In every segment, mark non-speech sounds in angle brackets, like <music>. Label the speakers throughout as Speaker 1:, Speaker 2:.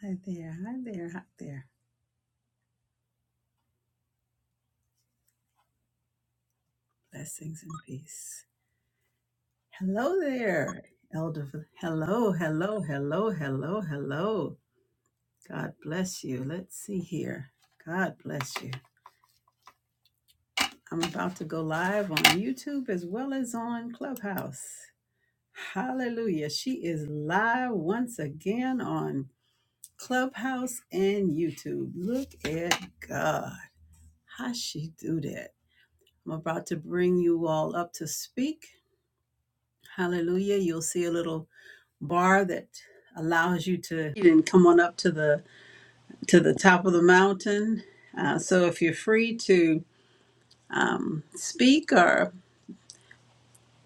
Speaker 1: Hi there, hi there, hi there. Blessings and peace. Hello there, Elder. Hello, hello, hello, hello, hello. God bless you. Let's see here. God bless you. I'm about to go live on YouTube as well as on Clubhouse. Hallelujah. She is live once again on Clubhouse and YouTube. Look at God. How she do that? I'm about to bring you all up to speak. Hallelujah. You'll see a little bar that allows you to you can come on up to the to the top of the mountain. Uh, so if you're free to um, speak or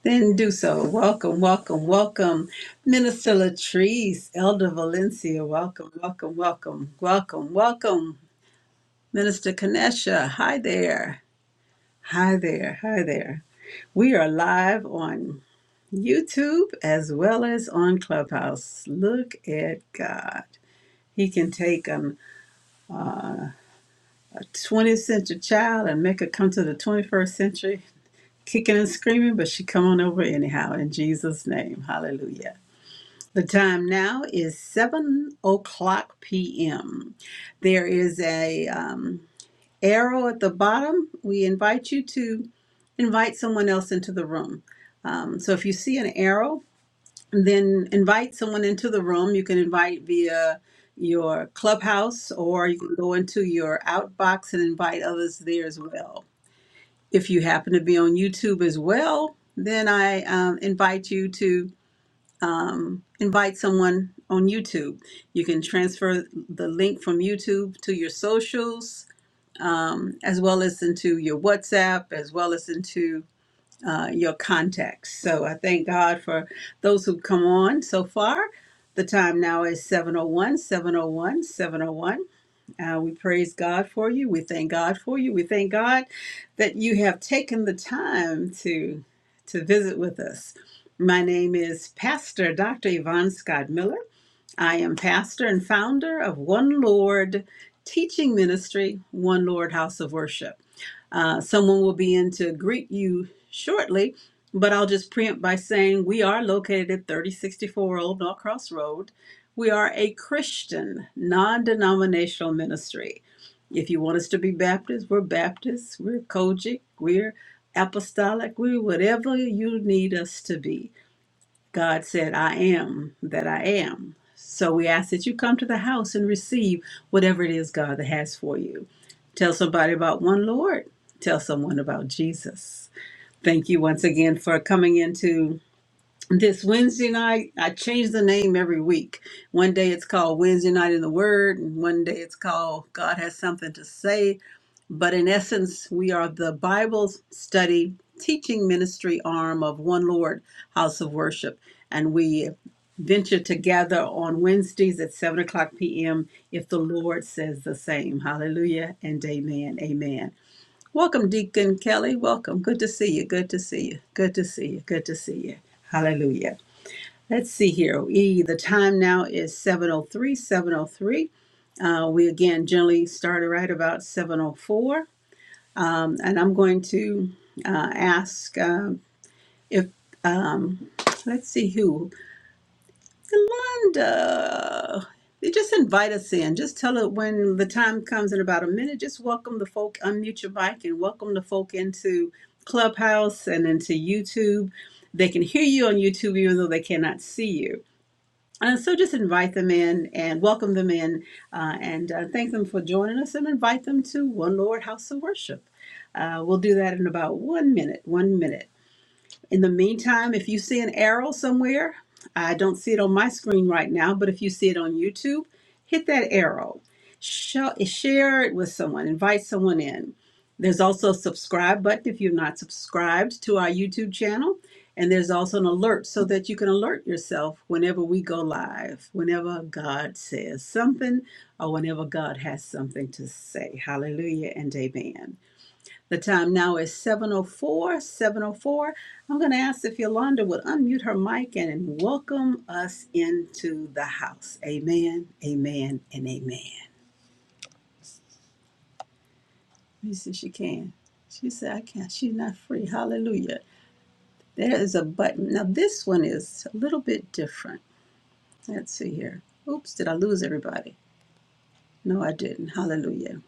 Speaker 1: then do so. Welcome, welcome, welcome. Minister Latrice, Elder Valencia, welcome, welcome, welcome, welcome, welcome. Minister Kanesha, hi there. Hi there, hi there. We are live on YouTube as well as on Clubhouse. Look at God. He can take um, a 20th century child and make her come to the 21st century kicking and screaming, but she come on over anyhow in Jesus' name. Hallelujah. The time now is 7 o'clock p.m. There is a um, arrow at the bottom. We invite you to invite someone else into the room. Um, so if you see an arrow, then invite someone into the room. You can invite via your clubhouse or you can go into your outbox and invite others there as well. If you happen to be on YouTube as well, then I um, invite you to um, invite someone on YouTube. You can transfer the link from YouTube to your socials um, as well as into your WhatsApp, as well as into uh, your contacts. So I thank God for those who've come on so far. The time now is 701, 701, 701. Uh, we praise God for you. We thank God for you. We thank God that you have taken the time to to visit with us. My name is Pastor Dr. Yvonne Scott Miller. I am pastor and founder of One Lord Teaching Ministry, One Lord House of Worship. Uh, someone will be in to greet you shortly, but I'll just preempt by saying we are located at 3064 Old North Cross Road. We are a Christian, non denominational ministry. If you want us to be Baptist, we're Baptist, we're Kojic, we're apostolic, we're whatever you need us to be. God said, I am that I am. So we ask that you come to the house and receive whatever it is God has for you. Tell somebody about one Lord. Tell someone about Jesus. Thank you once again for coming into this Wednesday night. I change the name every week. One day it's called Wednesday Night in the Word, and one day it's called God Has Something to Say but in essence, we are the Bible study teaching ministry arm of One Lord House of Worship. And we venture together on Wednesdays at 7 o'clock p.m. if the Lord says the same. Hallelujah and amen. Amen. Welcome, Deacon Kelly. Welcome. Good to see you. Good to see you. Good to see you. Good to see you. Hallelujah. Let's see here. E, the time now is 7.03, 7.03. Uh, we again generally start right about 7.04 and I'm going to uh, ask um, if um, let's see who Yolanda. Just invite us in. Just tell it when the time comes in about a minute. Just welcome the folk. Unmute your mic and welcome the folk into Clubhouse and into YouTube. They can hear you on YouTube even though they cannot see you. Uh, so just invite them in and welcome them in uh, and uh, thank them for joining us and invite them to One Lord House of Worship. Uh, we'll do that in about one minute, one minute. In the meantime, if you see an arrow somewhere, I don't see it on my screen right now, but if you see it on YouTube, hit that arrow. Show, share it with someone, invite someone in. There's also a subscribe button if you're not subscribed to our YouTube channel. And there's also an alert so that you can alert yourself whenever we go live, whenever God says something, or whenever God has something to say. Hallelujah and amen. The time now is 7.04, 7.04. I'm going to ask if Yolanda would unmute her mic and welcome us into the house. Amen, amen, and amen. Let me see if she can. She said, I can't. She's not free. Hallelujah. There is a button. Now, this one is a little bit different. Let's see here. Oops, did I lose everybody? No, I didn't. Hallelujah.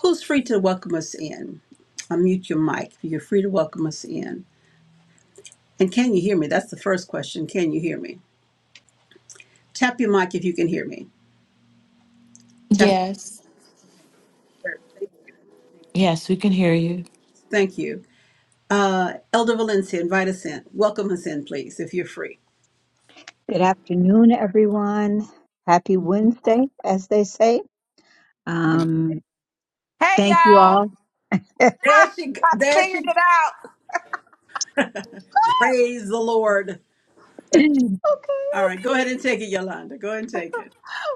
Speaker 1: Who's free to welcome us in? Unmute your mic. You're free to welcome us in. And can you hear me? That's the first question. Can you hear me? Tap your mic if you can hear me. Tap. Okay,
Speaker 2: Yes.
Speaker 1: good. Thank you. Thank you.
Speaker 2: Yes, we can hear you.
Speaker 1: Thank you. Uh, Elder Valencia, invite us in. Welcome us in, please, if you're free.
Speaker 3: Good afternoon, everyone. Happy Wednesday, as they say.
Speaker 1: Amen.
Speaker 3: Um,
Speaker 4: Hey
Speaker 3: thank you
Speaker 4: y'all!
Speaker 3: all.
Speaker 4: <laughs>
Speaker 1: There
Speaker 4: Ah,
Speaker 1: she,
Speaker 4: I
Speaker 1: there
Speaker 4: figured
Speaker 1: she.
Speaker 4: it out. <laughs>
Speaker 1: Praise the Lord.
Speaker 3: <clears throat>
Speaker 4: Okay,
Speaker 1: All right, go
Speaker 4: okay.
Speaker 1: ahead and take it, Yolanda. Go ahead and take it.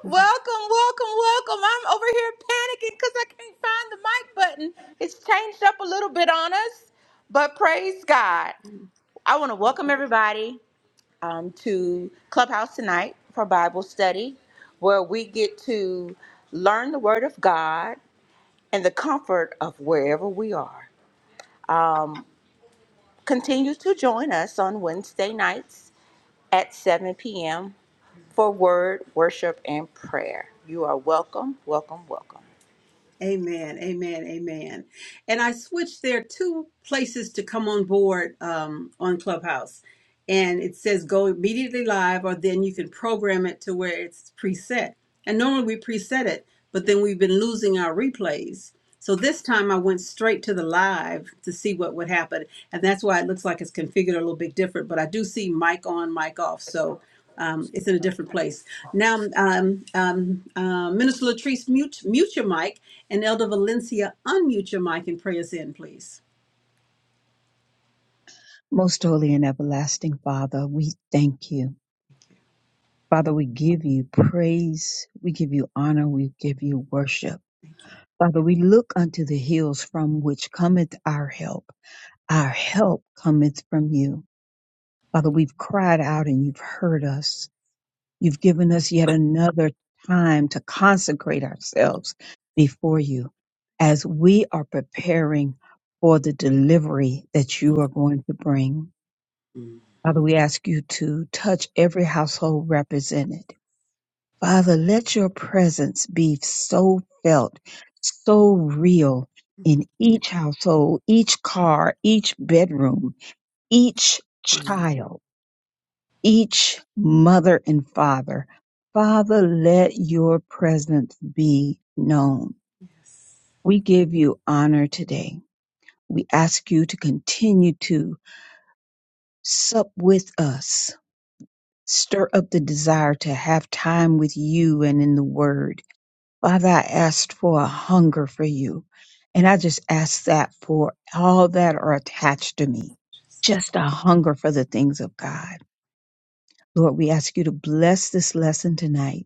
Speaker 4: Welcome, welcome, welcome. I'm over here panicking because I can't find the mic button. It's changed up a little bit on us, but praise God. I want to welcome everybody um, to Clubhouse tonight for Bible study, where we get to learn the Word of God and the comfort of wherever we are. Um, continue to join us on Wednesday nights at 7 p.m. for word, worship, and prayer. You are welcome, welcome, welcome.
Speaker 1: Amen, amen, amen. And I switched there are two places to come on board um, on Clubhouse. And it says go immediately live, or then you can program it to where it's preset. And normally we preset it, but then we've been losing our replays. So this time I went straight to the live to see what would happen. And that's why it looks like it's configured a little bit different, but I do see mic on, mic off. So um, it's in a different place. Now, um, um, uh, Minister Latrice, mute, mute your mic, and Elder Valencia, unmute your mic and pray us in, please.
Speaker 3: Most holy and everlasting Father, we thank you. Father, we give you praise. We give you honor. We give you worship.
Speaker 1: Thank
Speaker 3: Father, we look unto the hills from which cometh our help. Our help cometh from you. Father, we've cried out and you've heard us. You've given us yet another time to consecrate ourselves before you as we are preparing for the delivery that you are going to bring.
Speaker 1: you.
Speaker 3: Father, we ask you to touch every household represented. Father, let your presence be so felt, so real
Speaker 1: Mm-hmm.
Speaker 3: in each household, each car, each bedroom, each child each mother and father. Father, let your presence be known.
Speaker 1: Yes.
Speaker 3: We give you honor today. We ask you to continue to sup with us, stir up the desire to have time with you and in the word. Father, I asked for a hunger for you. And I just ask that for all that are attached to me, just a hunger for the things of God. Lord, we ask you to bless this lesson tonight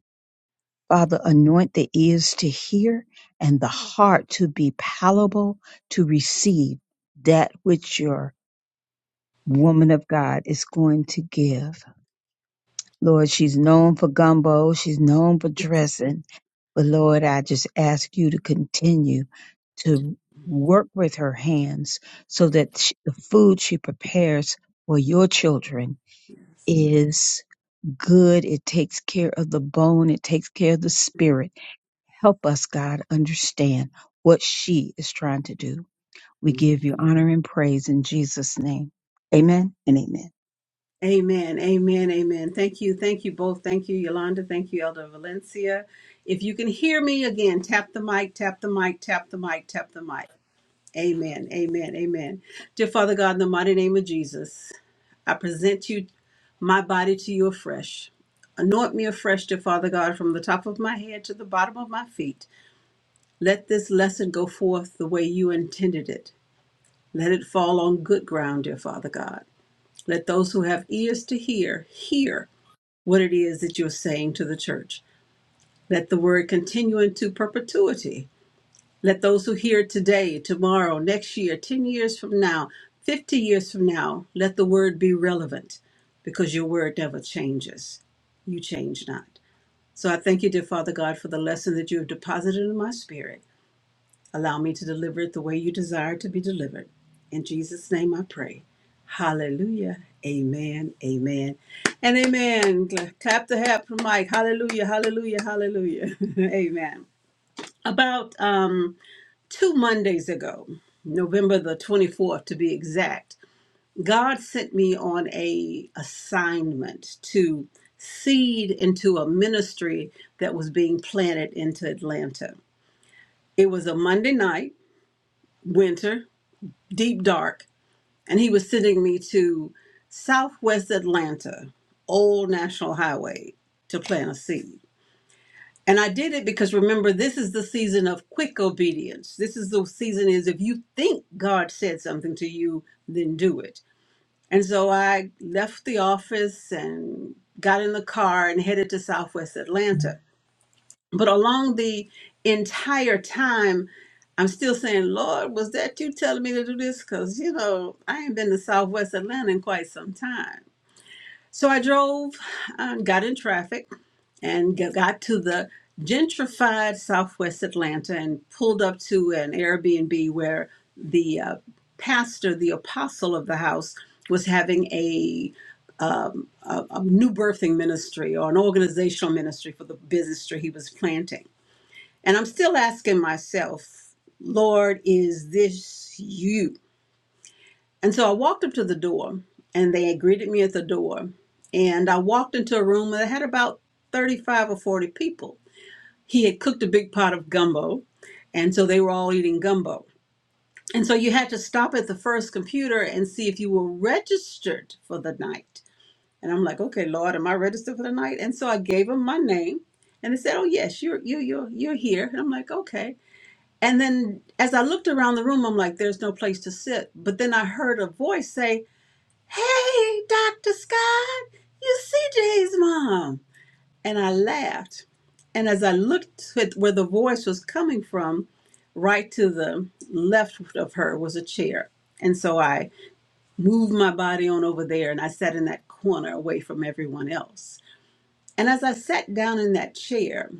Speaker 3: Father, anoint the ears to hear and the heart to be palatable to receive that which your woman of God is going to give. Lord, she's known for gumbo, she's known for dressing, but Lord, I just ask you to continue to work with her hands so that sh the food she prepares for your children is good. It takes care of the bone, it takes care of the spirit Help us, God, understand what she is trying to do. We give you honor and praise in Jesus' name. Amen and amen.
Speaker 1: Amen. Amen. Amen. Thank you. Thank you both. Thank you, Yolanda. Thank you, Elder Valencia. If you can hear me again, tap the mic, tap the mic, tap the mic, tap the mic. Amen. Amen. Amen. Dear Father God, in the mighty name of Jesus. I present you my body to you afresh. Anoint me afresh, dear Father God, from the top of my head to the bottom of my feet. Let this lesson go forth the way you intended it. Let it fall on good ground, dear Father God. Let those who have ears to hear, hear what it is that you're saying to the church. Let the word continue into perpetuity Let those who hear today, tomorrow, next year, 10 years from now, 50 years from now, let the word be relevant because your word never changes. You change not. So I thank you, dear Father God, for the lesson that you have deposited in my spirit. Allow me to deliver it the way you desire to be delivered. In Jesus' name I pray. Hallelujah. Amen. Amen. And amen. Clap the hat for Mike. Hallelujah. Hallelujah. Hallelujah. <laughs> amen. About um two Mondays ago, November the 24th to be exact, God sent me on a assignment to seed into a ministry that was being planted into Atlanta. It was a Monday night, winter, deep dark, and he was sending me to Southwest Atlanta, Old National Highway, to plant a seed. And I did it because remember, this is the season of quick obedience. This is the season is if you think God said something to you, then do it. And so I left the office and got in the car and headed to Southwest Atlanta. But along the entire time, I'm still saying, Lord, was that you telling me to do this? Because, you know, I ain't been to Southwest Atlanta in quite some time. So I drove, uh, got in traffic, and g- got to the gentrified Southwest Atlanta and pulled up to an Airbnb where the uh, pastor, the apostle of the house, was having a, um, a a new birthing ministry or an organizational ministry for the ministry he was planting. And I'm still asking myself, Lord, is this you? And so I walked up to the door and they greeted me at the door. And I walked into a room that had about 35 or 40 people. He had cooked a big pot of gumbo. And so they were all eating gumbo. And so you had to stop at the first computer and see if you were registered for the night. And I'm like, okay, Lord, am I registered for the night? And so I gave him my name and they said, oh, yes, you're, you're, you're, you're here. And I'm like, okay. And then as I looked around the room, I'm like, there's no place to sit. But then I heard a voice say, Hey, Dr. Scott, you CJ's mom. And I laughed. And as I looked at where the voice was coming from, right to the left of her was a chair. And so I moved my body on over there and I sat in that corner away from everyone else. And as I sat down in that chair,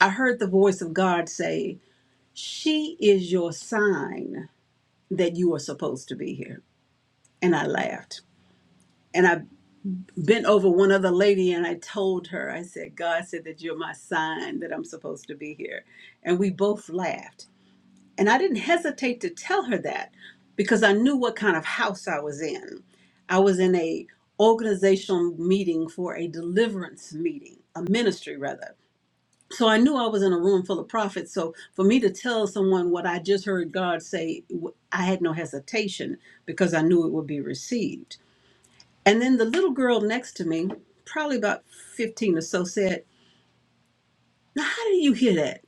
Speaker 1: I heard the voice of God say, She is your sign that you are supposed to be here. And I laughed. and I. bent over one other lady and I told her, I said, God said that you're my sign that I'm supposed to be here. And we both laughed. And I didn't hesitate to tell her that because I knew what kind of house I was in. I was in a organizational meeting for a deliverance meeting, a ministry rather. So I knew I was in a room full of prophets. So for me to tell someone what I just heard God say, w- I had no hesitation because I knew it would be received. And then the little girl next to me, probably about 15 or so, said, Now, how did you hear that?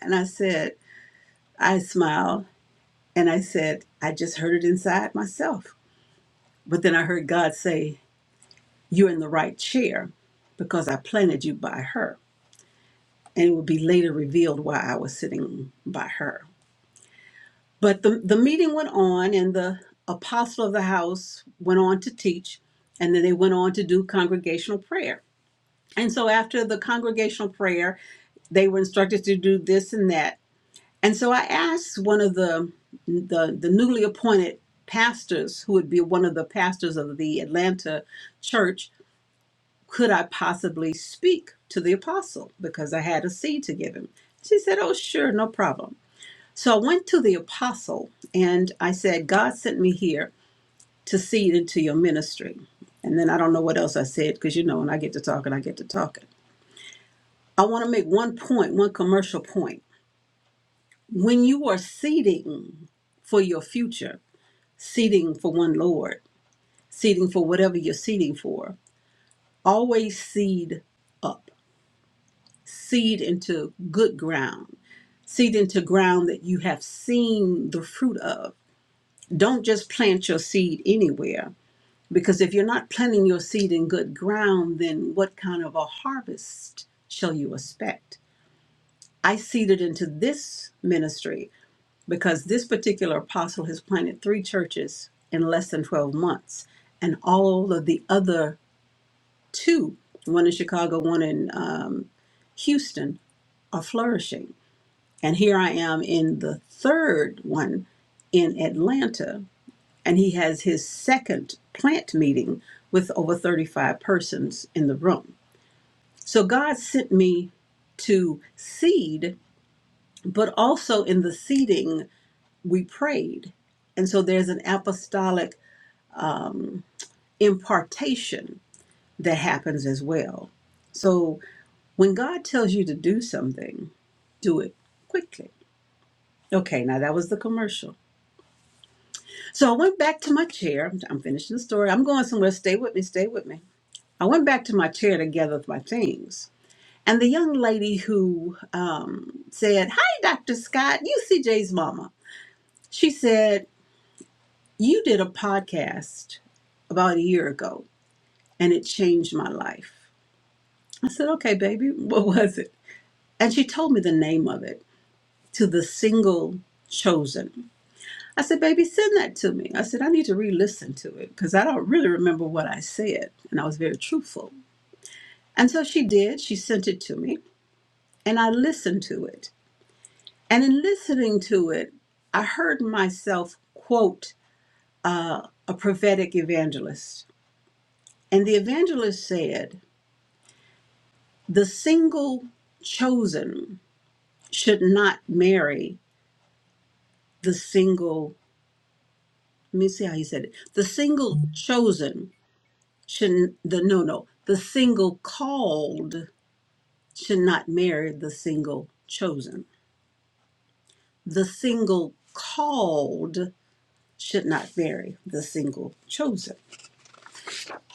Speaker 1: And I said, I smiled and I said, I just heard it inside myself. But then I heard God say, You're in the right chair because I planted you by her. And it would be later revealed why I was sitting by her. But the, the meeting went on, and the apostle of the house went on to teach, and then they went on to do congregational prayer. And so after the congregational prayer, they were instructed to do this and that. And so I asked one of the the, the newly appointed pastors, who would be one of the pastors of the Atlanta church, could I possibly speak to the apostle because I had a seed to give him. She said, "Oh, sure, no problem." So I went to the apostle and I said, "God sent me here to seed into your ministry." And then I don't know what else I said because you know when I get to talking, I get to talking. I want to make one point, one commercial point. When you are seeding for your future, seeding for one Lord, seeding for whatever you're seeding for, always seed up, seed into good ground, seed into ground that you have seen the fruit of. Don't just plant your seed anywhere because if you're not planting your seed in good ground, then what kind of a harvest shall you expect? I seeded into this ministry because this particular apostle has planted three churches in less than 12 months. And all of the other two, one in Chicago, one in um, Houston, are flourishing. And here I am in the third one in Atlanta. And he has his second plant meeting with over 35 persons in the room. So God sent me to seed, but also in the seeding we prayed. And so there's an apostolic um, impartation that happens as well. So when God tells you to do something, do it quickly. Okay, now that was the commercial. So I went back to my chair. I'm, I'm finishing the story. I'm going somewhere. Stay with me. Stay with me. I went back to my chair to gather my things. And the young lady who um, said, Hi, Dr. Scott, you CJ's mama. She said, You did a podcast about a year ago and it changed my life. I said, okay, baby, what was it? And she told me the name of it to the single chosen. I said, baby, send that to me. I said, I need to re listen to it because I don't really remember what I said. And I was very truthful. And so she did. She sent it to me and I listened to it. And in listening to it, I heard myself quote a prophetic evangelist. And the evangelist said, the single chosen should not marry the single let me see how he said it the single chosen should the no no the single called should not marry the single chosen the single called should not marry the single chosen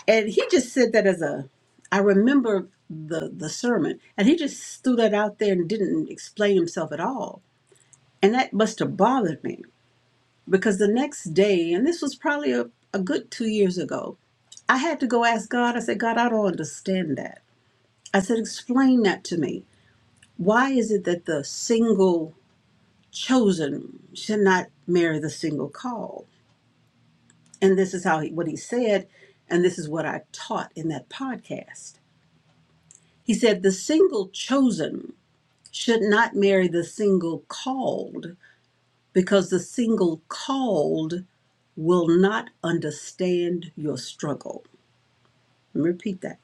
Speaker 1: and he just said that as a i remember the the sermon and he just threw that out there and didn't explain himself at all and that must have bothered me Because the next day, and this was probably a, a good two years ago, I had to go ask God. I said, God, I don't understand that. I said, explain that to me. Why is it that the single chosen should not marry the single called? And this is how he, what he said, and this is what I taught in that podcast. He said, the single chosen should not marry the single called because the single called will not understand your struggle. Let me repeat that.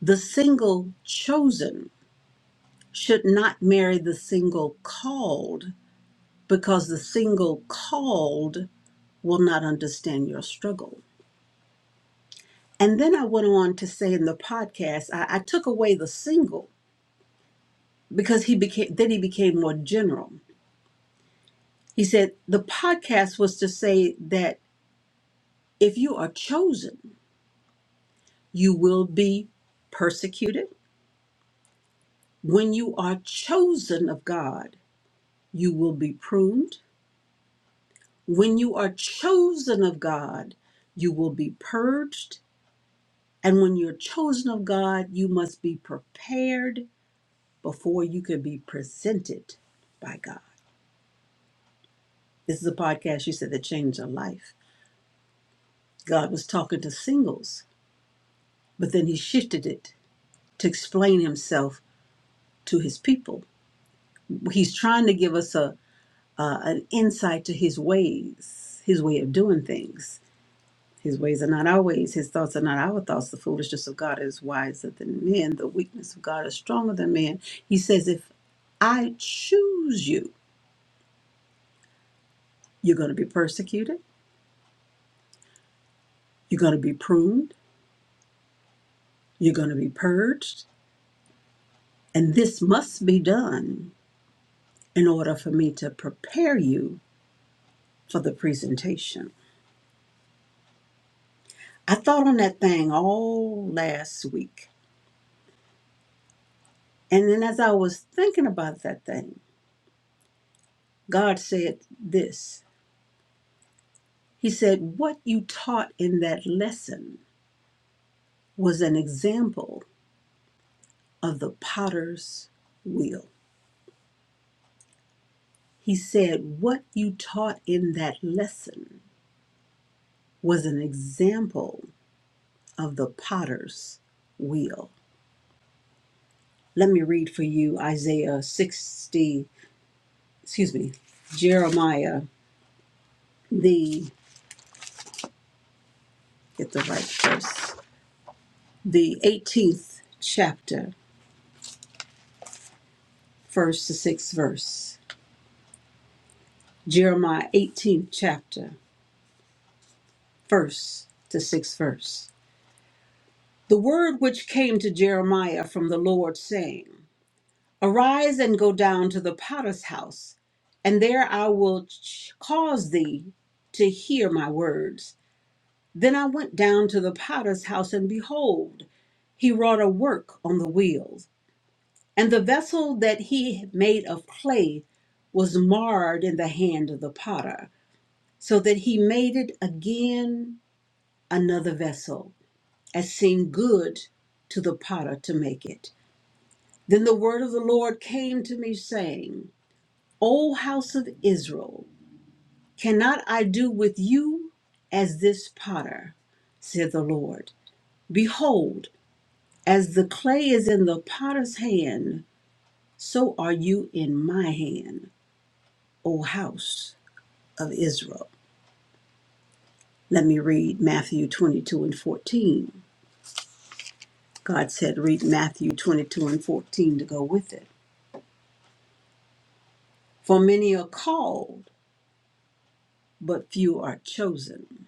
Speaker 1: The single chosen should not marry the single called because the single called will not understand your struggle. And then I went on to say in the podcast, I, I took away the single because he became then he became more general. He said the podcast was to say that if you are chosen, you will be persecuted. When you are chosen of God, you will be pruned When you are chosen of God, you will be purged. And when you're chosen of God, you must be prepared before you can be presented by God. This is a podcast you said that changed your life. God was talking to singles, but then he shifted it to explain himself to his people. He's trying to give us a uh, an insight to his ways, his way of doing things His ways are not our ways. His thoughts are not our thoughts. The foolishness of God is wiser than men. The weakness of God is stronger than men. He says, if I choose you, you're going to be persecuted. You're going to be pruned. You're going to be purged. And this must be done in order for me to prepare you for the presentation. I thought on that thing all last week. And then as I was thinking about that thing, God said this. He said, What you taught in that lesson was an example of the potter's wheel. He said, What you taught in that lesson was an example of the potter's wheel. Let me read for you Isaiah 60, excuse me, Jeremiah, the, get the right verse, the 18th chapter, first to sixth verse. Jeremiah 18th chapter. verse to sixth verse. The word which came to Jeremiah from the Lord, saying, Arise and go down to the potter's house, and there I will ch- cause thee to hear my words. Then I went down to the potter's house, and behold, he wrought a work on the wheels, and the vessel that he had made of clay was marred in the hand of the potter, so that he made it again another vessel as seemed good to the potter to make it. Then the word of the Lord came to me, saying, O house of Israel, cannot I do with you as this potter, said the Lord? Behold, as the clay is in the potter's hand, so are you in my hand, O house of Israel. Let me read Matthew 22 and 14. God said, read Matthew 22 and 14 to go with it. For many are called but few are chosen.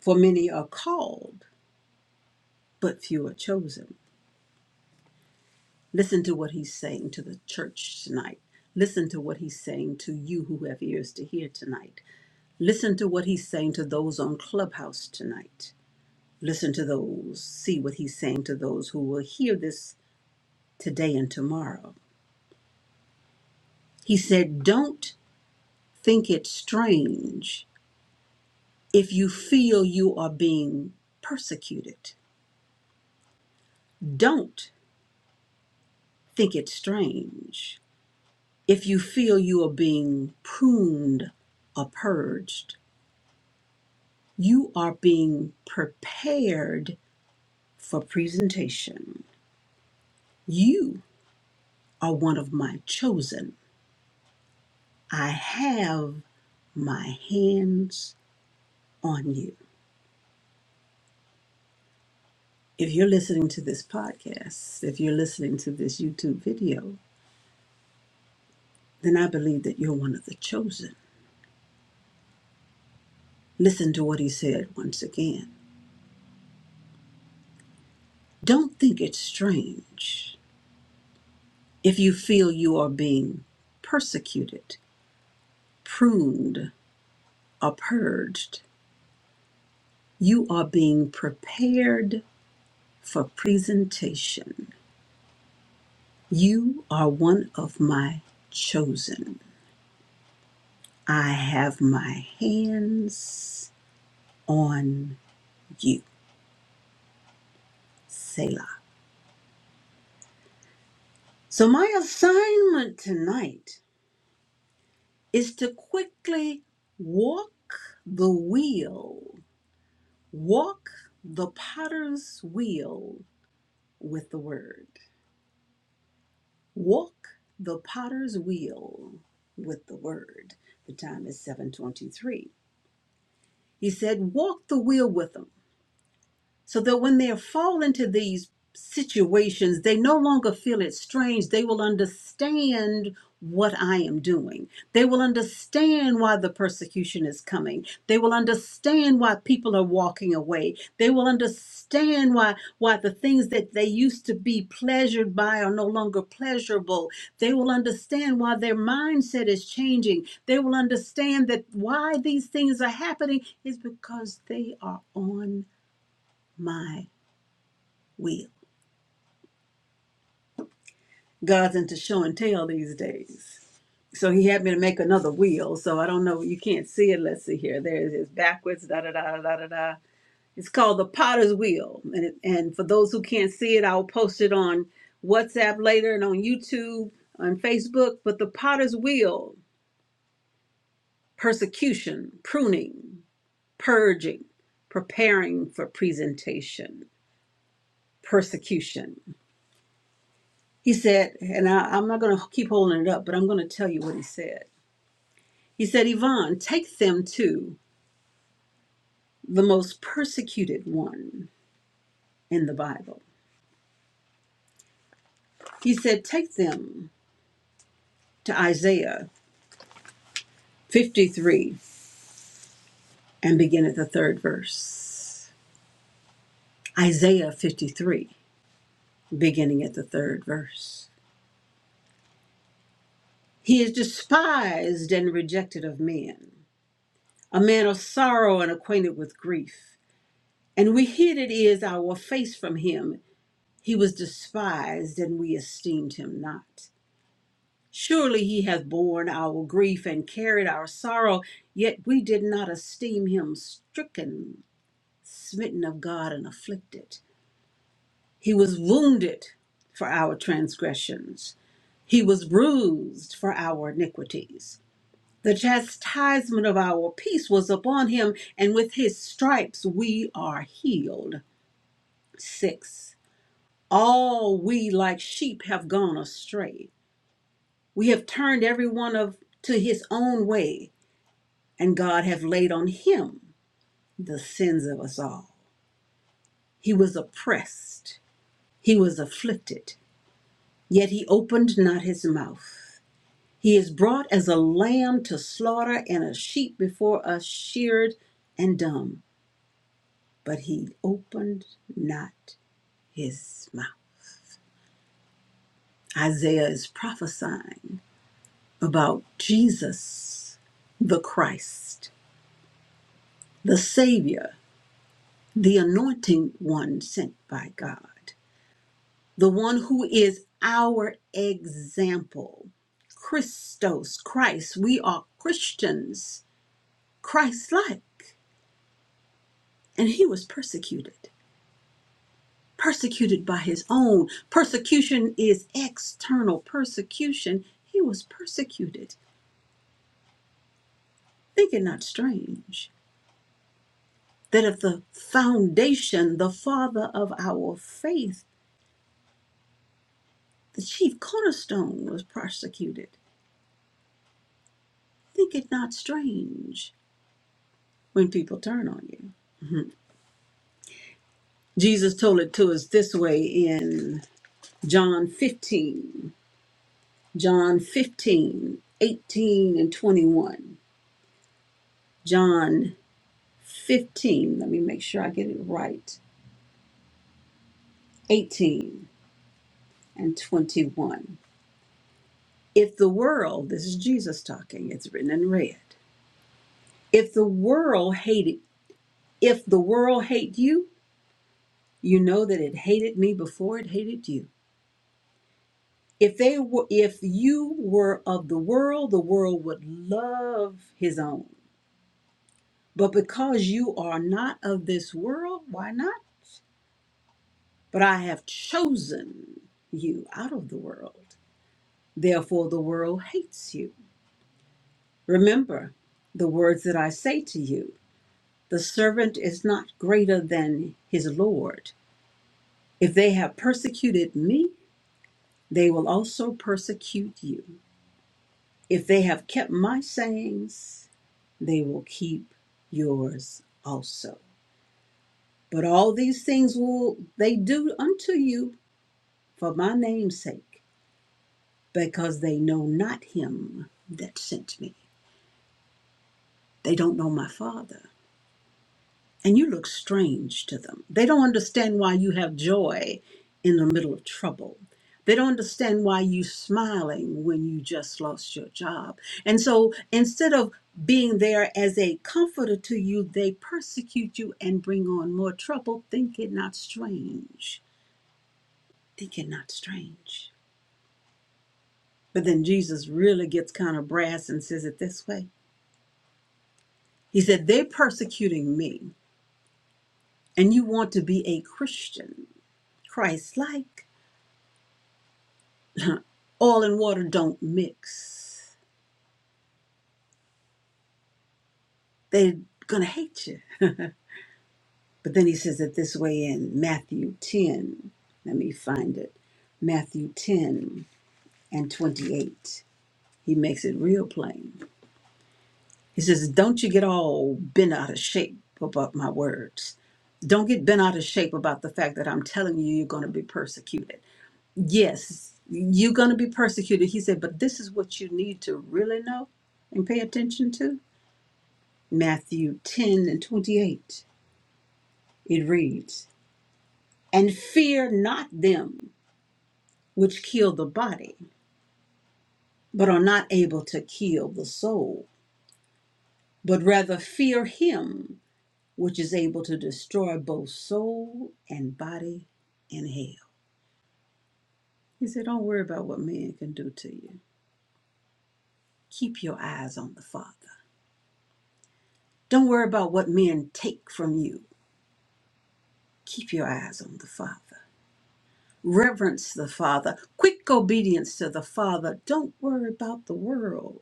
Speaker 1: For many are called, but few are chosen. Listen to what he's saying to the church tonight. Listen to what he's saying to you who have ears to hear tonight. Listen to what he's saying to those on Clubhouse tonight. Listen to those, see what he's saying to those who will hear this today and tomorrow. He said, Don't think it strange if you feel you are being persecuted. Don't think it strange if you feel you are being pruned or purged, you are being prepared for presentation. You are one of my chosen. I have my hands on you. If you're listening to this podcast, if you're listening to this YouTube video, then I believe that you're one of the chosen. Listen to what he said once again. Don't think it's strange if you feel you are being persecuted pruned, or purged. You are being prepared for presentation. You are one of my chosen. I have my hands on you. Selah. So, my assignment tonight is to quickly walk the wheel, walk the potter's wheel with the word. Walk the potter's wheel with the word. The time is 723. He said, walk the wheel with them so that when they fall into these situations, they no longer feel it strange. They will understand what I am doing. They will understand why the persecution is coming. They will understand why people are walking away. They will understand why why the things that they used to be pleasured by are no longer pleasurable. They will understand why their mindset is changing. They will understand that why these things are happening is because they are on my wheel. God's into show and tell these days. So he had me to make another wheel. So I don't know. You can't see it. Let's see here. There it is backwards. Da da da da da da. It's called the Potter's Wheel. And it, and for those who can't see it, I'll post it on WhatsApp later and on YouTube, on Facebook. But the Potter's Wheel: persecution, pruning, purging, preparing for presentation, persecution. He said, and I, I'm not going to keep holding it up, but I'm going to tell you what he said. He said, Yvonne, take them to the most persecuted one in the Bible. He said, take them to Isaiah 53 and begin at the third verse. Isaiah 53, beginning at the third verse. He is despised and rejected of men, a man of sorrow and acquainted with grief. And we hid it is our face from him. He was despised, and we esteemed him not. Surely he hath borne our grief and carried our sorrow, yet we did not esteem him stricken, smitten of God, and afflicted. He was wounded for our transgressions, he was bruised for our iniquities. The chastisement of our peace was upon him, and with his stripes we are healed. 6. All we like sheep have gone astray. We have turned every one of to his own way and God hath laid on him the sins of us all. He was oppressed, he was afflicted, yet he opened not his mouth. He is brought as a lamb to slaughter, and a sheep before us sheared and dumb, but he opened not his mouth. Isaiah is prophesying about Jesus, the Christ, the Savior, the anointing one sent by God. the one who is our example. Christos, Christ. We are Christians, Christ like. And he was persecuted, persecuted by his own. Persecution is external persecution. He was persecuted. Think it not strange that if the foundation, the father of our faith, the chief cornerstone was persecuted, think it not strange when people turn on you Jesus told it to us this way in John 15, John 15, 18, and 21. John 15, let me make sure I get it right, 18 and 21. If the world, this is Jesus talking, it's written in red. If the world hated, if the world hate you, you know that it hated me before it hated you. If they were, if you were of the world, the world would love his own. But because you are not of this world, why not? But I have chosen you out of the world. Therefore, the world hates you. Remember the words that I say to you the servant is not greater than his Lord. If they have persecuted me, they will also persecute you. If they have kept my sayings, they will keep yours also. But all these things will they do unto you for my name's sake, because they know not him that sent me. They don't know my Father. And you look strange to them. They don't understand why you have joy in the middle of trouble. They don't understand why you are smiling when you just lost your job. And so instead of being there as a comforter to you, they persecute you and bring on more trouble. Think it not strange. Think it not strange. But then Jesus really gets kind of brass and says it this way He said, They're persecuting me, and you want to be a Christian, Christ like. Oil and water don't mix. They're going to hate you. But then he says it this way in Matthew 10. Let me find it. Matthew 10 and 28. He makes it real plain. He says, Don't you get all bent out of shape about my words. Don't get bent out of shape about the fact that I'm telling you you're going to be persecuted. Yes, you're going to be persecuted. He said, But this is what you need to really know and pay attention to. Matthew 10 and 28. It reads, And fear not them which kill the body, but are not able to kill the soul, but rather fear him which is able to destroy both soul and body in hell. He said, Don't worry about what men can do to you. Keep your eyes on the Father. Don't worry about what men take from you. Keep your eyes on the Father. Reverence the Father. Quick obedience to the Father. Don't worry about the world.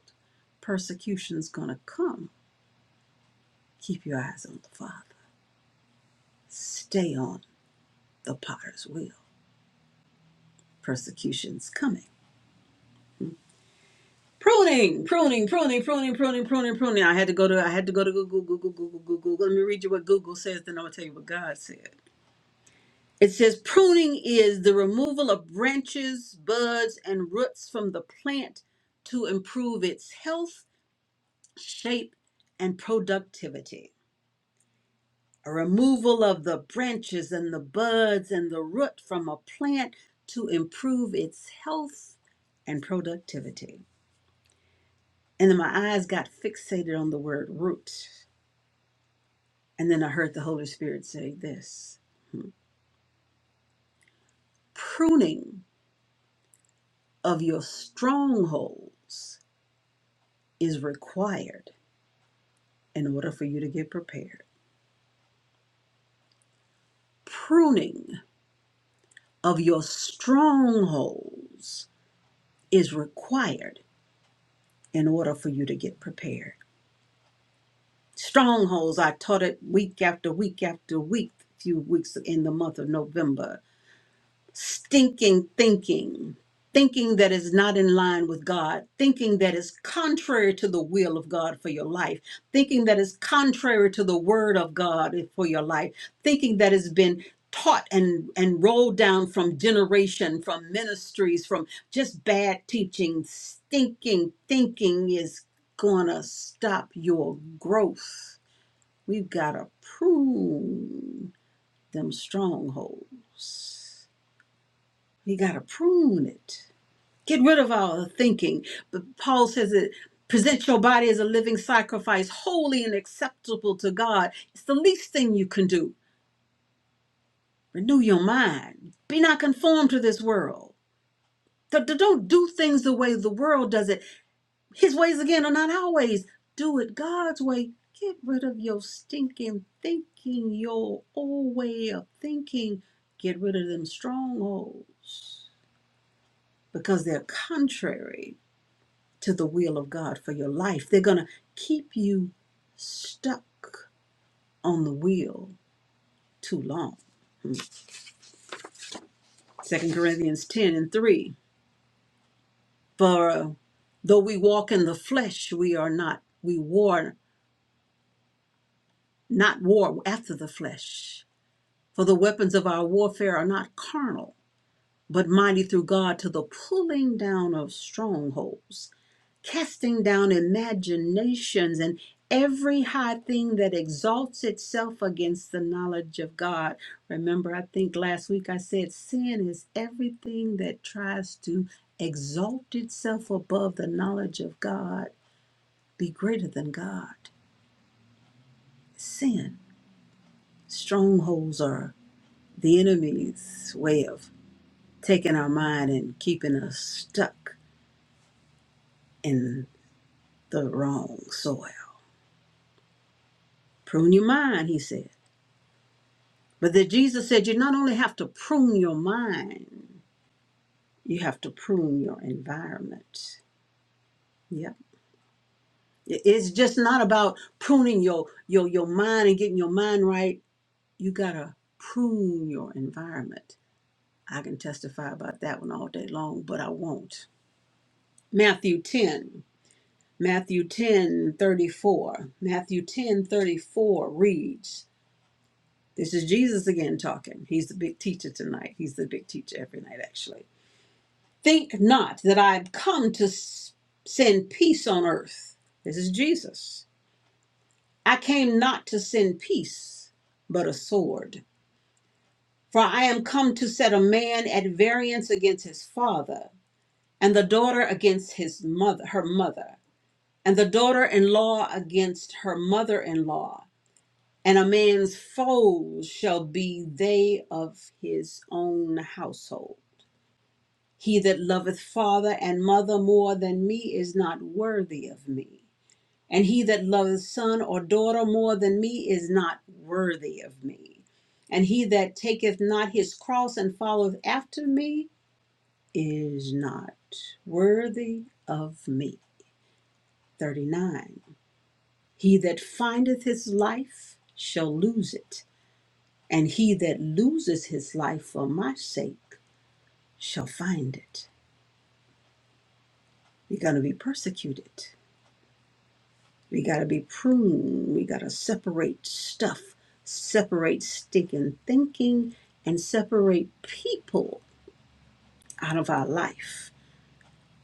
Speaker 1: Persecution's going to come. Keep your eyes on the Father. Stay on the potter's wheel. Persecution's coming Pruning, pruning, pruning, pruning, pruning, pruning, pruning. I had to go to I had to go to Google, Google, Google, Google. Let me read you what Google says, then I'm gonna tell you what God said. It says pruning is the removal of branches, buds, and roots from the plant to improve its health, shape, and productivity. A removal of the branches and the buds and the root from a plant to improve its health and productivity. And then my eyes got fixated on the word root And then I heard the Holy Spirit say this pruning of your strongholds is required in order for you to get prepared. Pruning of your strongholds is required in order for you to get prepared. Strongholds, I taught it week after week after week, a few weeks in the month of November stinking thinking, thinking that is not in line with God, thinking that is contrary to the will of God for your life, thinking that is contrary to the word of God for your life, thinking that has been taught and and rolled down from generation from ministries from just bad teaching stinking thinking is gonna stop your growth we've got to prune them strongholds you got to prune it. Get rid of all the thinking. But Paul says it present your body as a living sacrifice, holy and acceptable to God. It's the least thing you can do. Renew your mind. Be not conformed to this world. Th- th- Don't do things the way the world does it. His ways, again, are not our ways. Do it God's way. Get rid of your stinking thinking, your old way of thinking. Get rid of them strongholds because they're contrary to the will of God for your life. They're going to keep you stuck on the wheel too long. Second Corinthians 10 and 3. For uh, though we walk in the flesh, we are not, we war, not war after the flesh. For the weapons of our warfare are not carnal, but mighty through God to the pulling down of strongholds casting down imaginations and every high thing that exalts itself against the knowledge of God. Remember, I think last week I said sin is everything that tries to exalt itself above the knowledge of God, be greater than God. Sin. Strongholds are the enemy's way of taking our mind and keeping us stuck in the wrong soil. Prune your mind, he says. But that Jesus said you not only have to prune your mind, you have to prune your environment. Yeah. It's just not about pruning your your your mind and getting your mind right. You gotta prune your environment. I can testify about that one all day long, but I won't. Matthew 10. Matthew 10 34, Matthew 10 34 reads, This is Jesus again talking. He's the big teacher tonight. He's the big teacher every night, actually. Think not that I am come to send peace on earth. This is Jesus. I came not to send peace, but a sword. For I am come to set a man at variance against his father, and the daughter against his mother, her mother, and the daughter-in-law against her mother-in-law. And a man's foes shall be they of his own household. He that loveth father and mother more than me is not worthy of me. And he that loveth son or daughter more than me is not worthy of me. And he that taketh not his cross and followeth after me is not worthy of me. 39. He that findeth his life shall lose it, and he that loses his life for my sake shall find it. You're going to be persecuted. We got to be pruned. We got to separate stuff, separate stinking thinking, and separate people out of our life.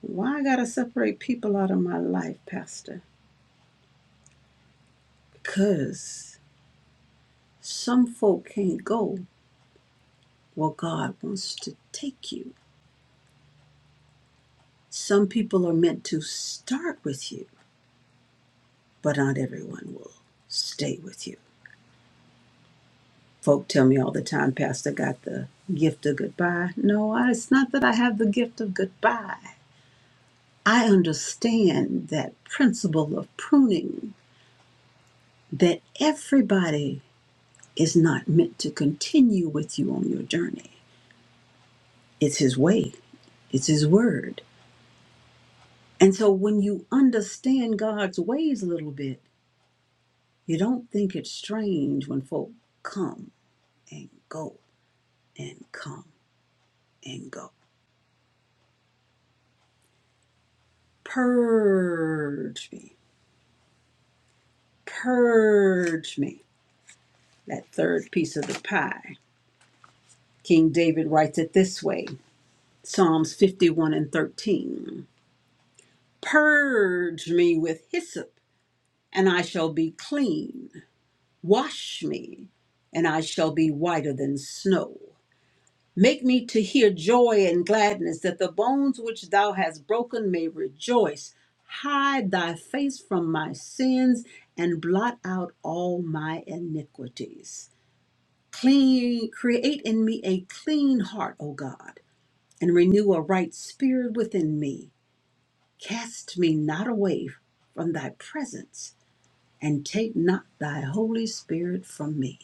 Speaker 1: Why I got to separate people out of my life, Pastor? Because some folk can't go where God wants to take you. Some people are meant to start with you, but not everyone will stay with you. Folk tell me all the time, Pastor got the gift of goodbye. No, I- it's not that I have the gift of goodbye. I understand that principle of pruning, that everybody is not meant to continue with you on your journey. It's His way, it's His word. And so when you understand God's ways a little bit, you don't think it's strange when folk come and go and come and go. Purge me Purge me, that third piece of the pie. King David writes it this way Psalms 51 and 13. Purge me with hyssop, and I shall be clean. Wash me, and I shall be whiter than snow. Make me to hear joy and gladness, that the bones which thou hast broken may rejoice. Hide thy face from my sins, and blot out all my iniquities. Clean, create in me a clean heart, O God, and renew a right spirit within me. Cast me not away from thy presence, and take not thy Holy Spirit from me.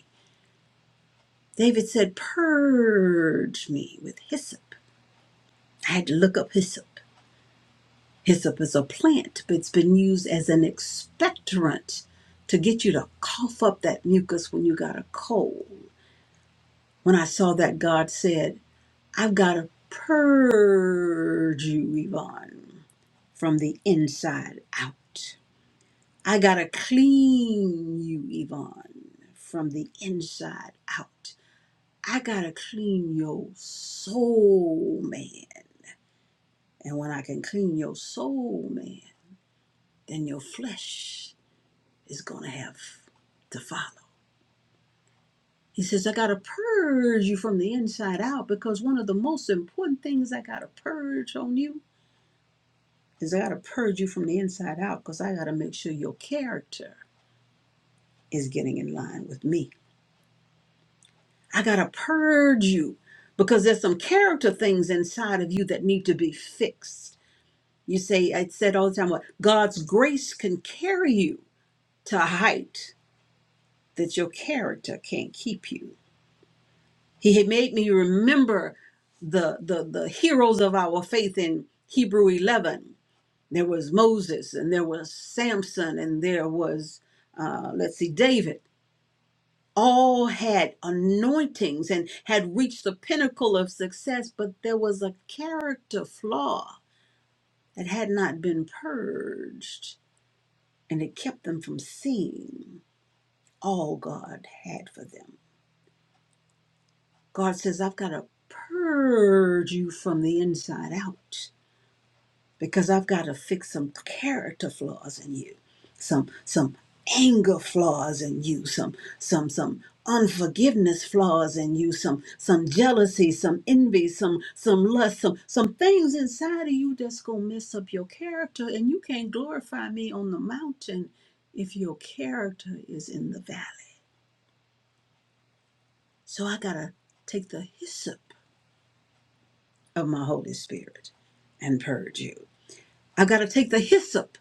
Speaker 1: David said, Purge me with hyssop. I had to look up hyssop. Hyssop is a plant, but it's been used as an expectorant to get you to cough up that mucus when you got a cold. When I saw that, God said, I've got to purge you, Yvonne, from the inside out. I got to clean you, Yvonne, from the inside out. I got to clean your soul, man. And when I can clean your soul, man, then your flesh is going to have to follow. He says, I got to purge you from the inside out because one of the most important things I got to purge on you is I got to purge you from the inside out because I got to make sure your character is getting in line with me. I got to purge you because there's some character things inside of you that need to be fixed. You say, I said all the time, what God's grace can carry you to a height that your character can't keep you. He had made me remember the, the, the heroes of our faith in Hebrew 11 There was Moses, and there was Samson, and there was, uh, let's see, David. All had anointings and had reached the pinnacle of success, but there was a character flaw that had not been purged, and it kept them from seeing all God had for them. God says, I've got to purge you from the inside out because I've got to fix some character flaws in you, some some anger flaws in you, some some some unforgiveness flaws in you, some some jealousy, some envy, some some lust, some some things inside of you that's gonna mess up your character, and you can't glorify me on the mountain if your character is in the valley. So I gotta take the hyssop of my Holy Spirit and purge you. I gotta take the hyssop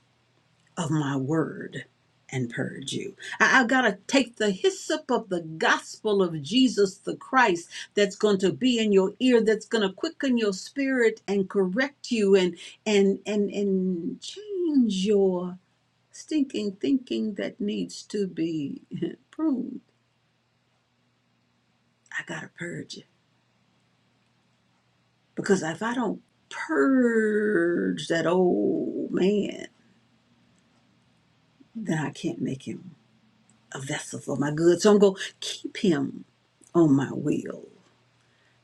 Speaker 1: of my word and purge you. I, have got to take the hyssop of the gospel of Jesus the Christ that's going to be in your ear, that's going to quicken your spirit and correct you and and and and change your stinking thinking that needs to be <laughs> pruned. I got to purge it because if I don't purge that old man, then I can't make him a vessel for my good. So I'm going to keep him on my wheel.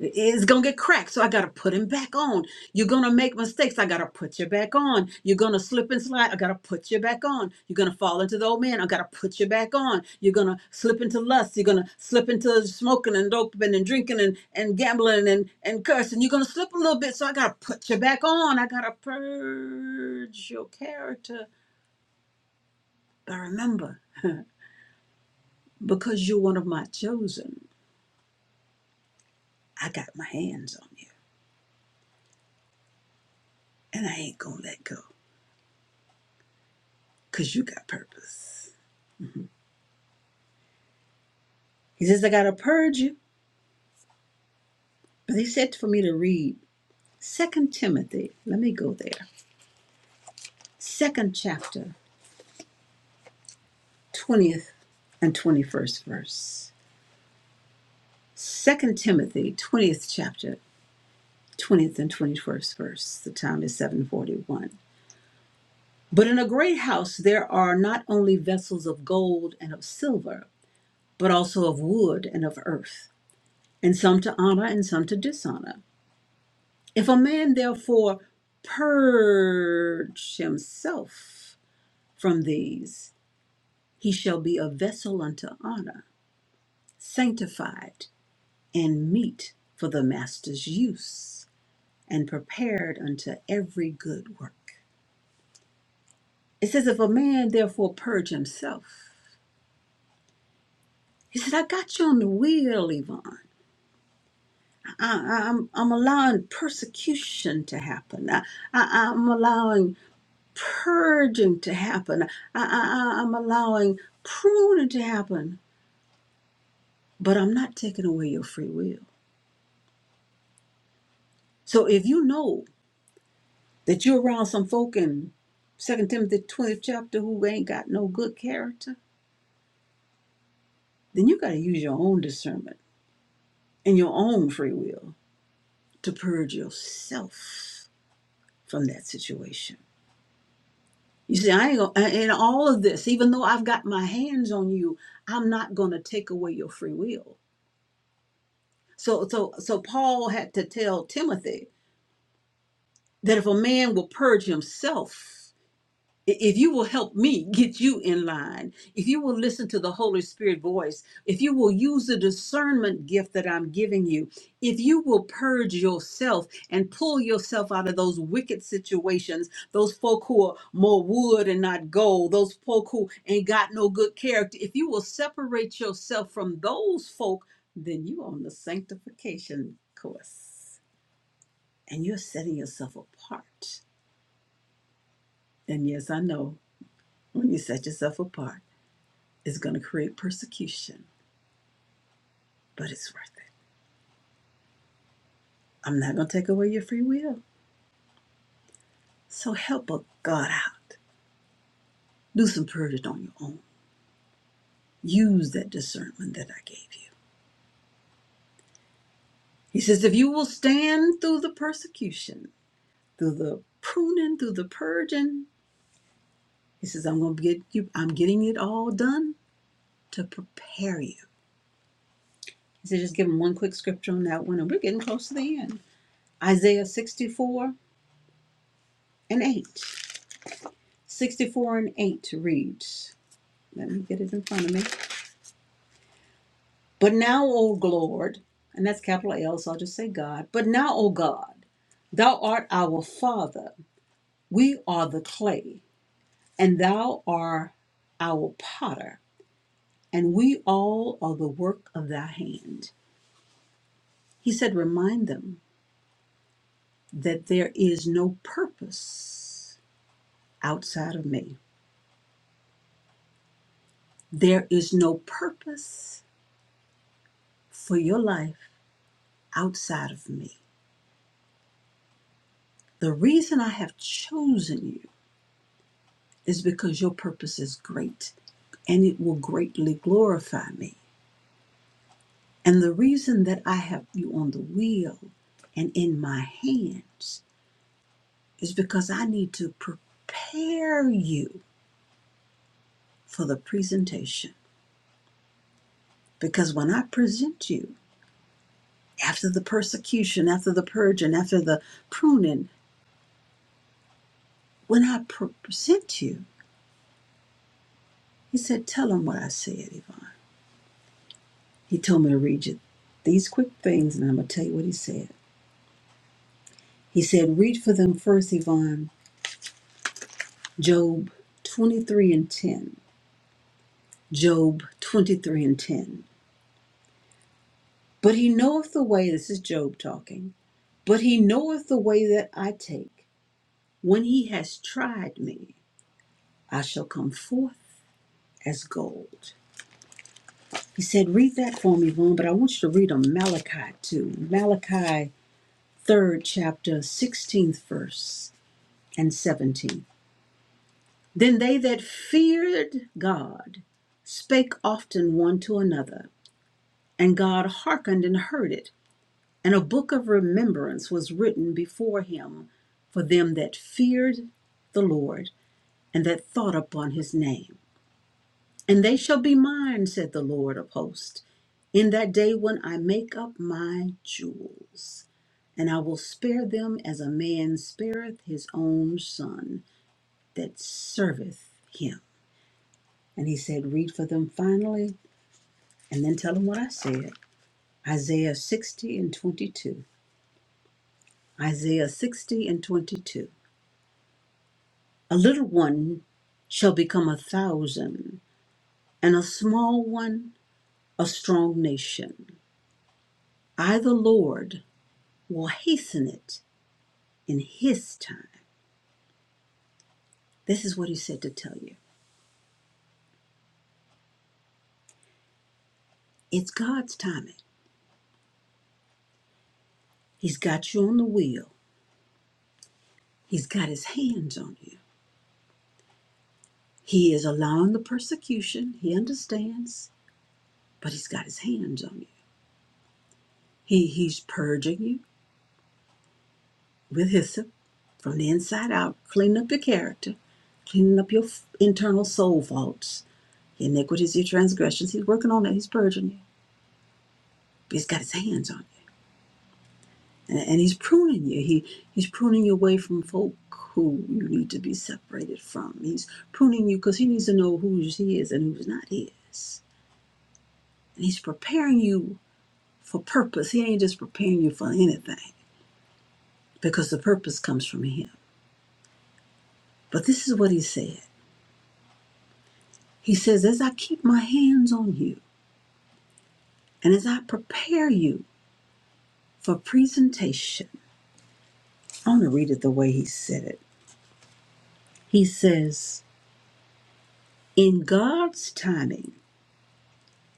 Speaker 1: It's going to get cracked. So I got to put him back on. You're going to make mistakes. I got to put you back on. You're going to slip and slide. I got to put you back on. You're going to fall into the old man. I got to put you back on. You're going to slip into lust. You're going to slip into smoking and doping and drinking and, and gambling and, and cursing. You're going to slip a little bit. So I got to put you back on. I got to purge your character. But remember, <laughs> because you're one of my chosen. I got my hands on you and I ain't gonna let go because you got purpose. He says, I gotta purge you. But he said for me to read Second Timothy. Let me go there. Second chapter, 20th and 21st verse. Second Timothy, 20th chapter, 20th and 21st verse. The time is 741. But in a great house there are not only vessels of gold and of silver, but also of wood and of earth, and some to honor and some to dishonor. If a man therefore purge himself from these, he shall be a vessel unto honor, sanctified and meet for the master's use, and prepared unto every good work. It says, if a man therefore purge himself, he said, I got you on the wheel, Yvonne. I, I, I'm, I'm allowing persecution to happen. I, I, I'm allowing purging to happen. I, I, I- am allowing pruning to happen, but I'm not taking away your free will. So if you know that you're around some folk in Second Timothy 20th chapter who ain't got no good character, then you got to use your own discernment and your own free will to purge yourself from that situation. You see, I ain't gonna, in all of this, even though I've got my hands on you, I'm not going to take away your free will. So so so Paul had to tell Timothy that if a man will purge himself, I- If you will help me get you in line, if you will listen to the Holy Spirit voice, if you will use the discernment gift that I'm giving you, if you will purge yourself and pull yourself out of those wicked situations, those folk who are more wood and not gold, those folk who ain't got no good character, if you will separate yourself from those folk, then you're on the sanctification course and you're setting yourself apart. And yes, I know when you set yourself apart. is going to create persecution, but it's worth it. I'm not going to take away your free will. So help a God out. Do some purging on your own. Use that discernment that I gave you. He says, if you will stand through the persecution, through the pruning, through the purging, he says, I'm going to get you, I'm getting it all done to prepare you. He said, just give him one quick scripture on that one, and we're getting close to the end. Isaiah 64 and 8. 64 and 8 reads, let me get it in front of me. But now, O Lord, and that's capital L, so I'll just say God. But now, O God, thou art our Father. We are the clay, and thou art our potter, and we all are the work of thy hand. He said, Remind them that there is no purpose outside of me. There is no purpose for your life outside of me. The reason I have chosen you is because your purpose is great and it will greatly glorify me. And the reason that I have you on the wheel and in my hands is because I need to prepare you for the presentation. Because when I present you, after the persecution, after the purging, after the pruning, when I present you, he said, Tell them what I said, Yvonne. He told me to read you these quick things, and I'm going to tell you what he said. He said, Read for them first, Yvonne, Job 23 and 10. Job 23 and 10. But he knoweth the way, this is Job talking, but he knoweth the way that I take. When he has tried me, I shall come forth as gold. He said, read that for me, Vaughn, but I want you to read on Malachi too. Malachi 3rd chapter, 16th verse and 17. Then they that feared God spake often one to another. And God hearkened and heard it. And a book of remembrance was written before him for them that feared the Lord and that thought upon his name. And they shall be mine, said the Lord of hosts, in that day when I make up my jewels. And I will spare them as a man spareth his own son that serveth him. And he said, Read for them finally, and then tell them what I said. Isaiah 60 and 22. Isaiah 60 and 22. A little one shall become a thousand, and a small one a strong nation. I, the Lord, will hasten it in His time. This is what He said to tell you. It's God's timing. He's got you on the wheel, He's got His hands on you. He is allowing the persecution, He understands, but He's got His hands on you. He, he's purging you, with hyssop from the inside out, cleaning up your character, cleaning up your internal soul faults, your iniquities, your transgressions. He's working on that. He's purging you. But he's got his hands on you. And, and he's pruning you. He He's pruning you away from folk who you need to be separated from. He's pruning you because he needs to know who's his and who's not his. And he's preparing you for purpose. He ain't just preparing you for anything because the purpose comes from him. But this is what he said. He says, As I keep my hands on you, And as I prepare you for presentation, I want to read it the way he said it. He says, In God's timing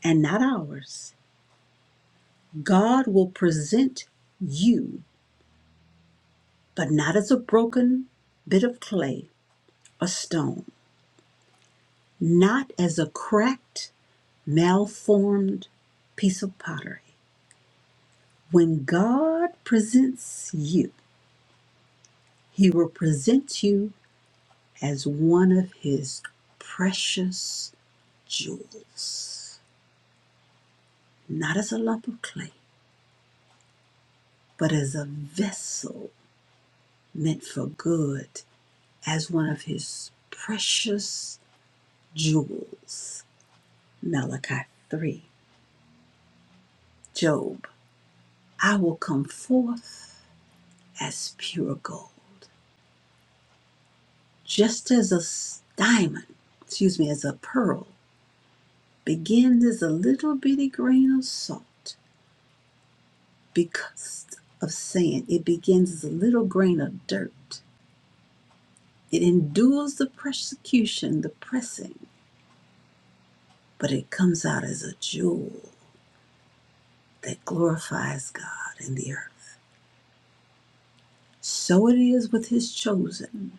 Speaker 1: and not ours, God will present you, but not as a broken bit of clay or stone, not as a cracked, malformed piece of pottery. When God presents you, he will present you as one of his precious jewels, not as a lump of clay, but as a vessel meant for good, as one of his precious jewels. Malachi 3. Job, I will come forth as pure gold, just as a diamond, excuse me, as a pearl begins as a little bitty grain of salt because of sand. It begins as a little grain of dirt It endures the persecution, the pressing, but it comes out as a jewel that glorifies God in the earth. So it is with his chosen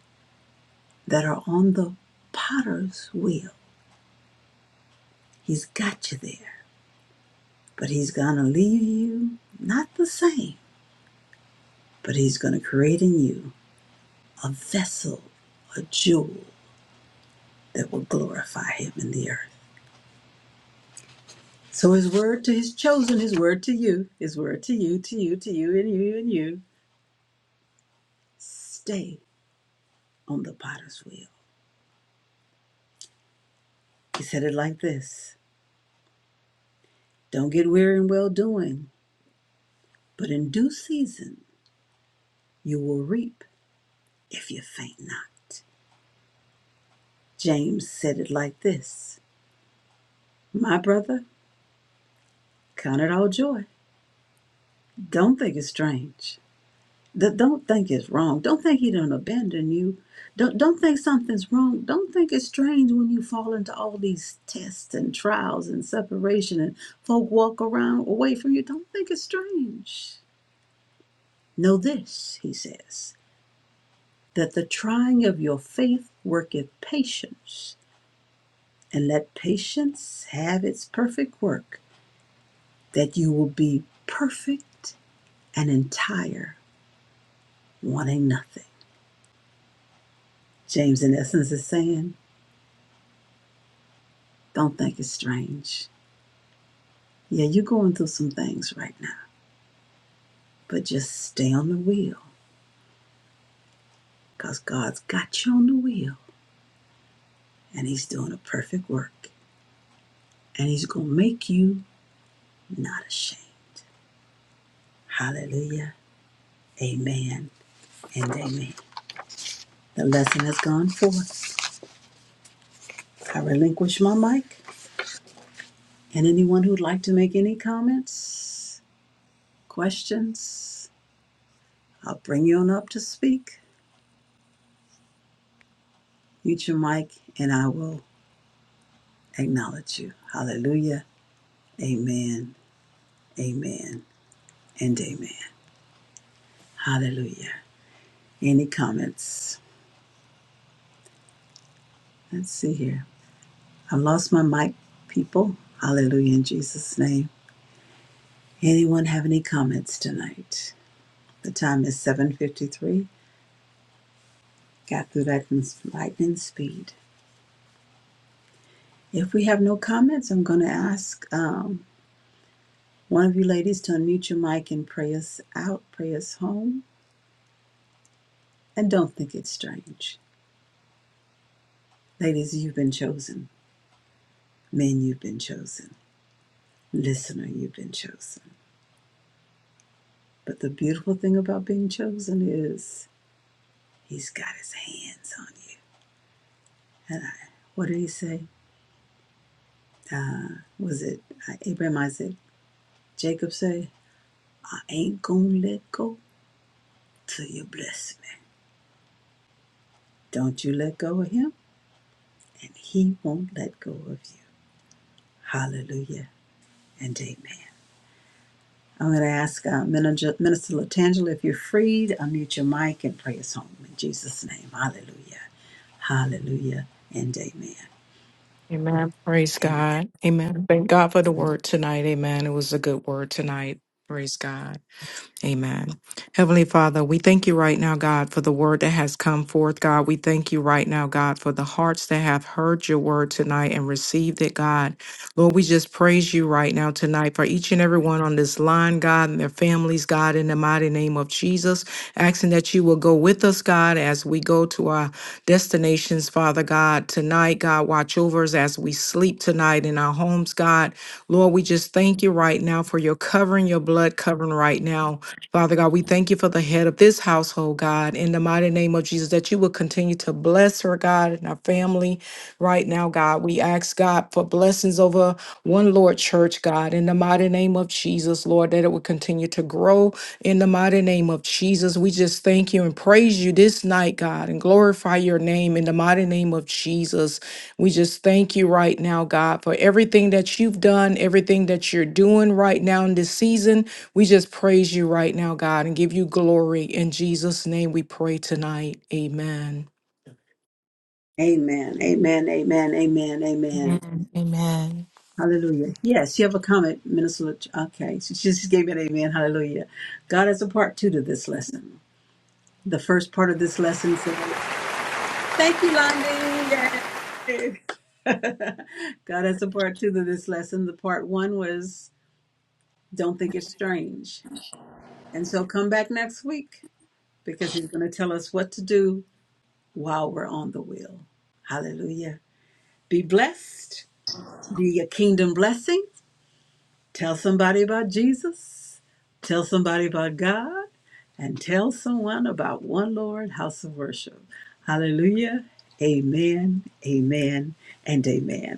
Speaker 1: that are on the potter's wheel. He's got you there, but he's going to leave you not the same, but he's going to create in you a vessel, a jewel that will glorify him in the earth. So his word to his chosen, his word to you, his word to you, to you, to you, and you, and you Stay on the potter's wheel. He said it like this Don't get weary in well doing, but in due season you will reap if you faint not. James said it like this My brother, count it all joy. Don't think it's strange. Don't think it's wrong. Don't think he don't abandon you. Don't, don't think something's wrong. Don't think it's strange when you fall into all these tests and trials and separation and folk walk around away from you. Don't think it's strange. Know this, he says, that the trying of your faith worketh patience, and let patience have its perfect work, that you will be perfect and entire, wanting nothing. James, in essence, is saying, don't think it's strange. Yeah, you're going through some things right now, but just stay on the wheel, because God's got you on the wheel, and He's doing a perfect work, and He's going to make you not ashamed. Hallelujah. Amen. And amen. The lesson has gone forth. I relinquish my mic. And anyone who'd like to make any comments, questions, I'll bring you on up to speak. Mute your mic and I will acknowledge you. Hallelujah. Amen. Amen. And amen. Hallelujah. Any comments? Let's see here. I've lost my mic, people. Hallelujah in Jesus' name. Anyone have any comments tonight? The time is 7:53. Got through that in lightning speed. If we have no comments, I'm going to ask um, one of you ladies to unmute your mic and pray us out, pray us home. And don't think it's strange. Ladies, you've been chosen. Men, you've been chosen. Listener, you've been chosen. But the beautiful thing about being chosen is he's got his hands on you. And I, what did he say? Uh, was it uh, Abraham, Isaac, Jacob say, I ain't going to let go till you bless me. Don't you let go of him, and he won't let go of you. Hallelujah and amen. I'm going to ask uh, Minister, Minister Latangela if you're freed, unmute your mic and pray us home in Jesus' name. Hallelujah. Hallelujah and amen.
Speaker 5: Amen. Praise
Speaker 1: Amen.
Speaker 5: God. Amen. Thank God for the word tonight. Amen. It was a good word tonight. Praise God. Amen. Heavenly Father, we thank you right now, God, for the word that has come forth, God. We thank you right now, God, for the hearts that have heard your word tonight and received it, God. Lord, we just praise you right now tonight for each and every one on this line, God, and their families, God, in the mighty name of Jesus. Asking that you will go with us, God, as we go to our destinations, Father God, tonight, God. Watch over us as we sleep tonight in our homes, God. Lord, we just thank you right now for your covering, your blood covering right now Father God, we thank you for the head of this household, God, in the mighty name of Jesus, that you will continue to bless her, God, and our family right now, God. We ask, God, for blessings over One Lord Church, God, in the mighty name of Jesus, Lord, that it will continue to grow in the mighty name of Jesus. We just thank you and praise you this night, God, and glorify your name in the mighty name of Jesus. We just thank you right now, God, for everything that you've done, everything that you're doing right now in this season we just praise you right now, God, and give you glory. In Jesus' name we pray tonight. Amen.
Speaker 1: Amen. Amen. Amen. Amen. Amen.
Speaker 2: Amen. Amen.
Speaker 1: Hallelujah. Yes, you have a comment, Minister. Lat- Okay, she just gave me an amen. Hallelujah. God has a part two to this lesson. The first part of this lesson says, Thank you, Londi. Yay. <laughs> God has a part two to this lesson. The part one was don't think it's strange. And so come back next week because he's going to tell us what to do while we're on the wheel. Hallelujah. Be blessed. Be a kingdom blessing. Tell somebody about Jesus. Tell somebody about God. And tell someone about One Lord House of Worship. Hallelujah. Amen. Amen. And amen.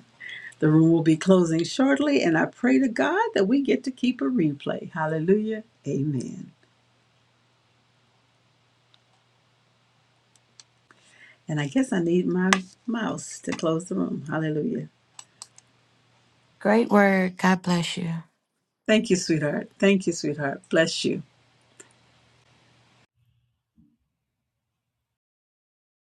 Speaker 1: The room will be closing shortly, and I pray to God that we get to keep a replay. Hallelujah. Amen. And I guess I need my mouse to close the room. Hallelujah.
Speaker 2: Great word. God bless you.
Speaker 1: Thank you, sweetheart. Thank you, sweetheart. Bless you.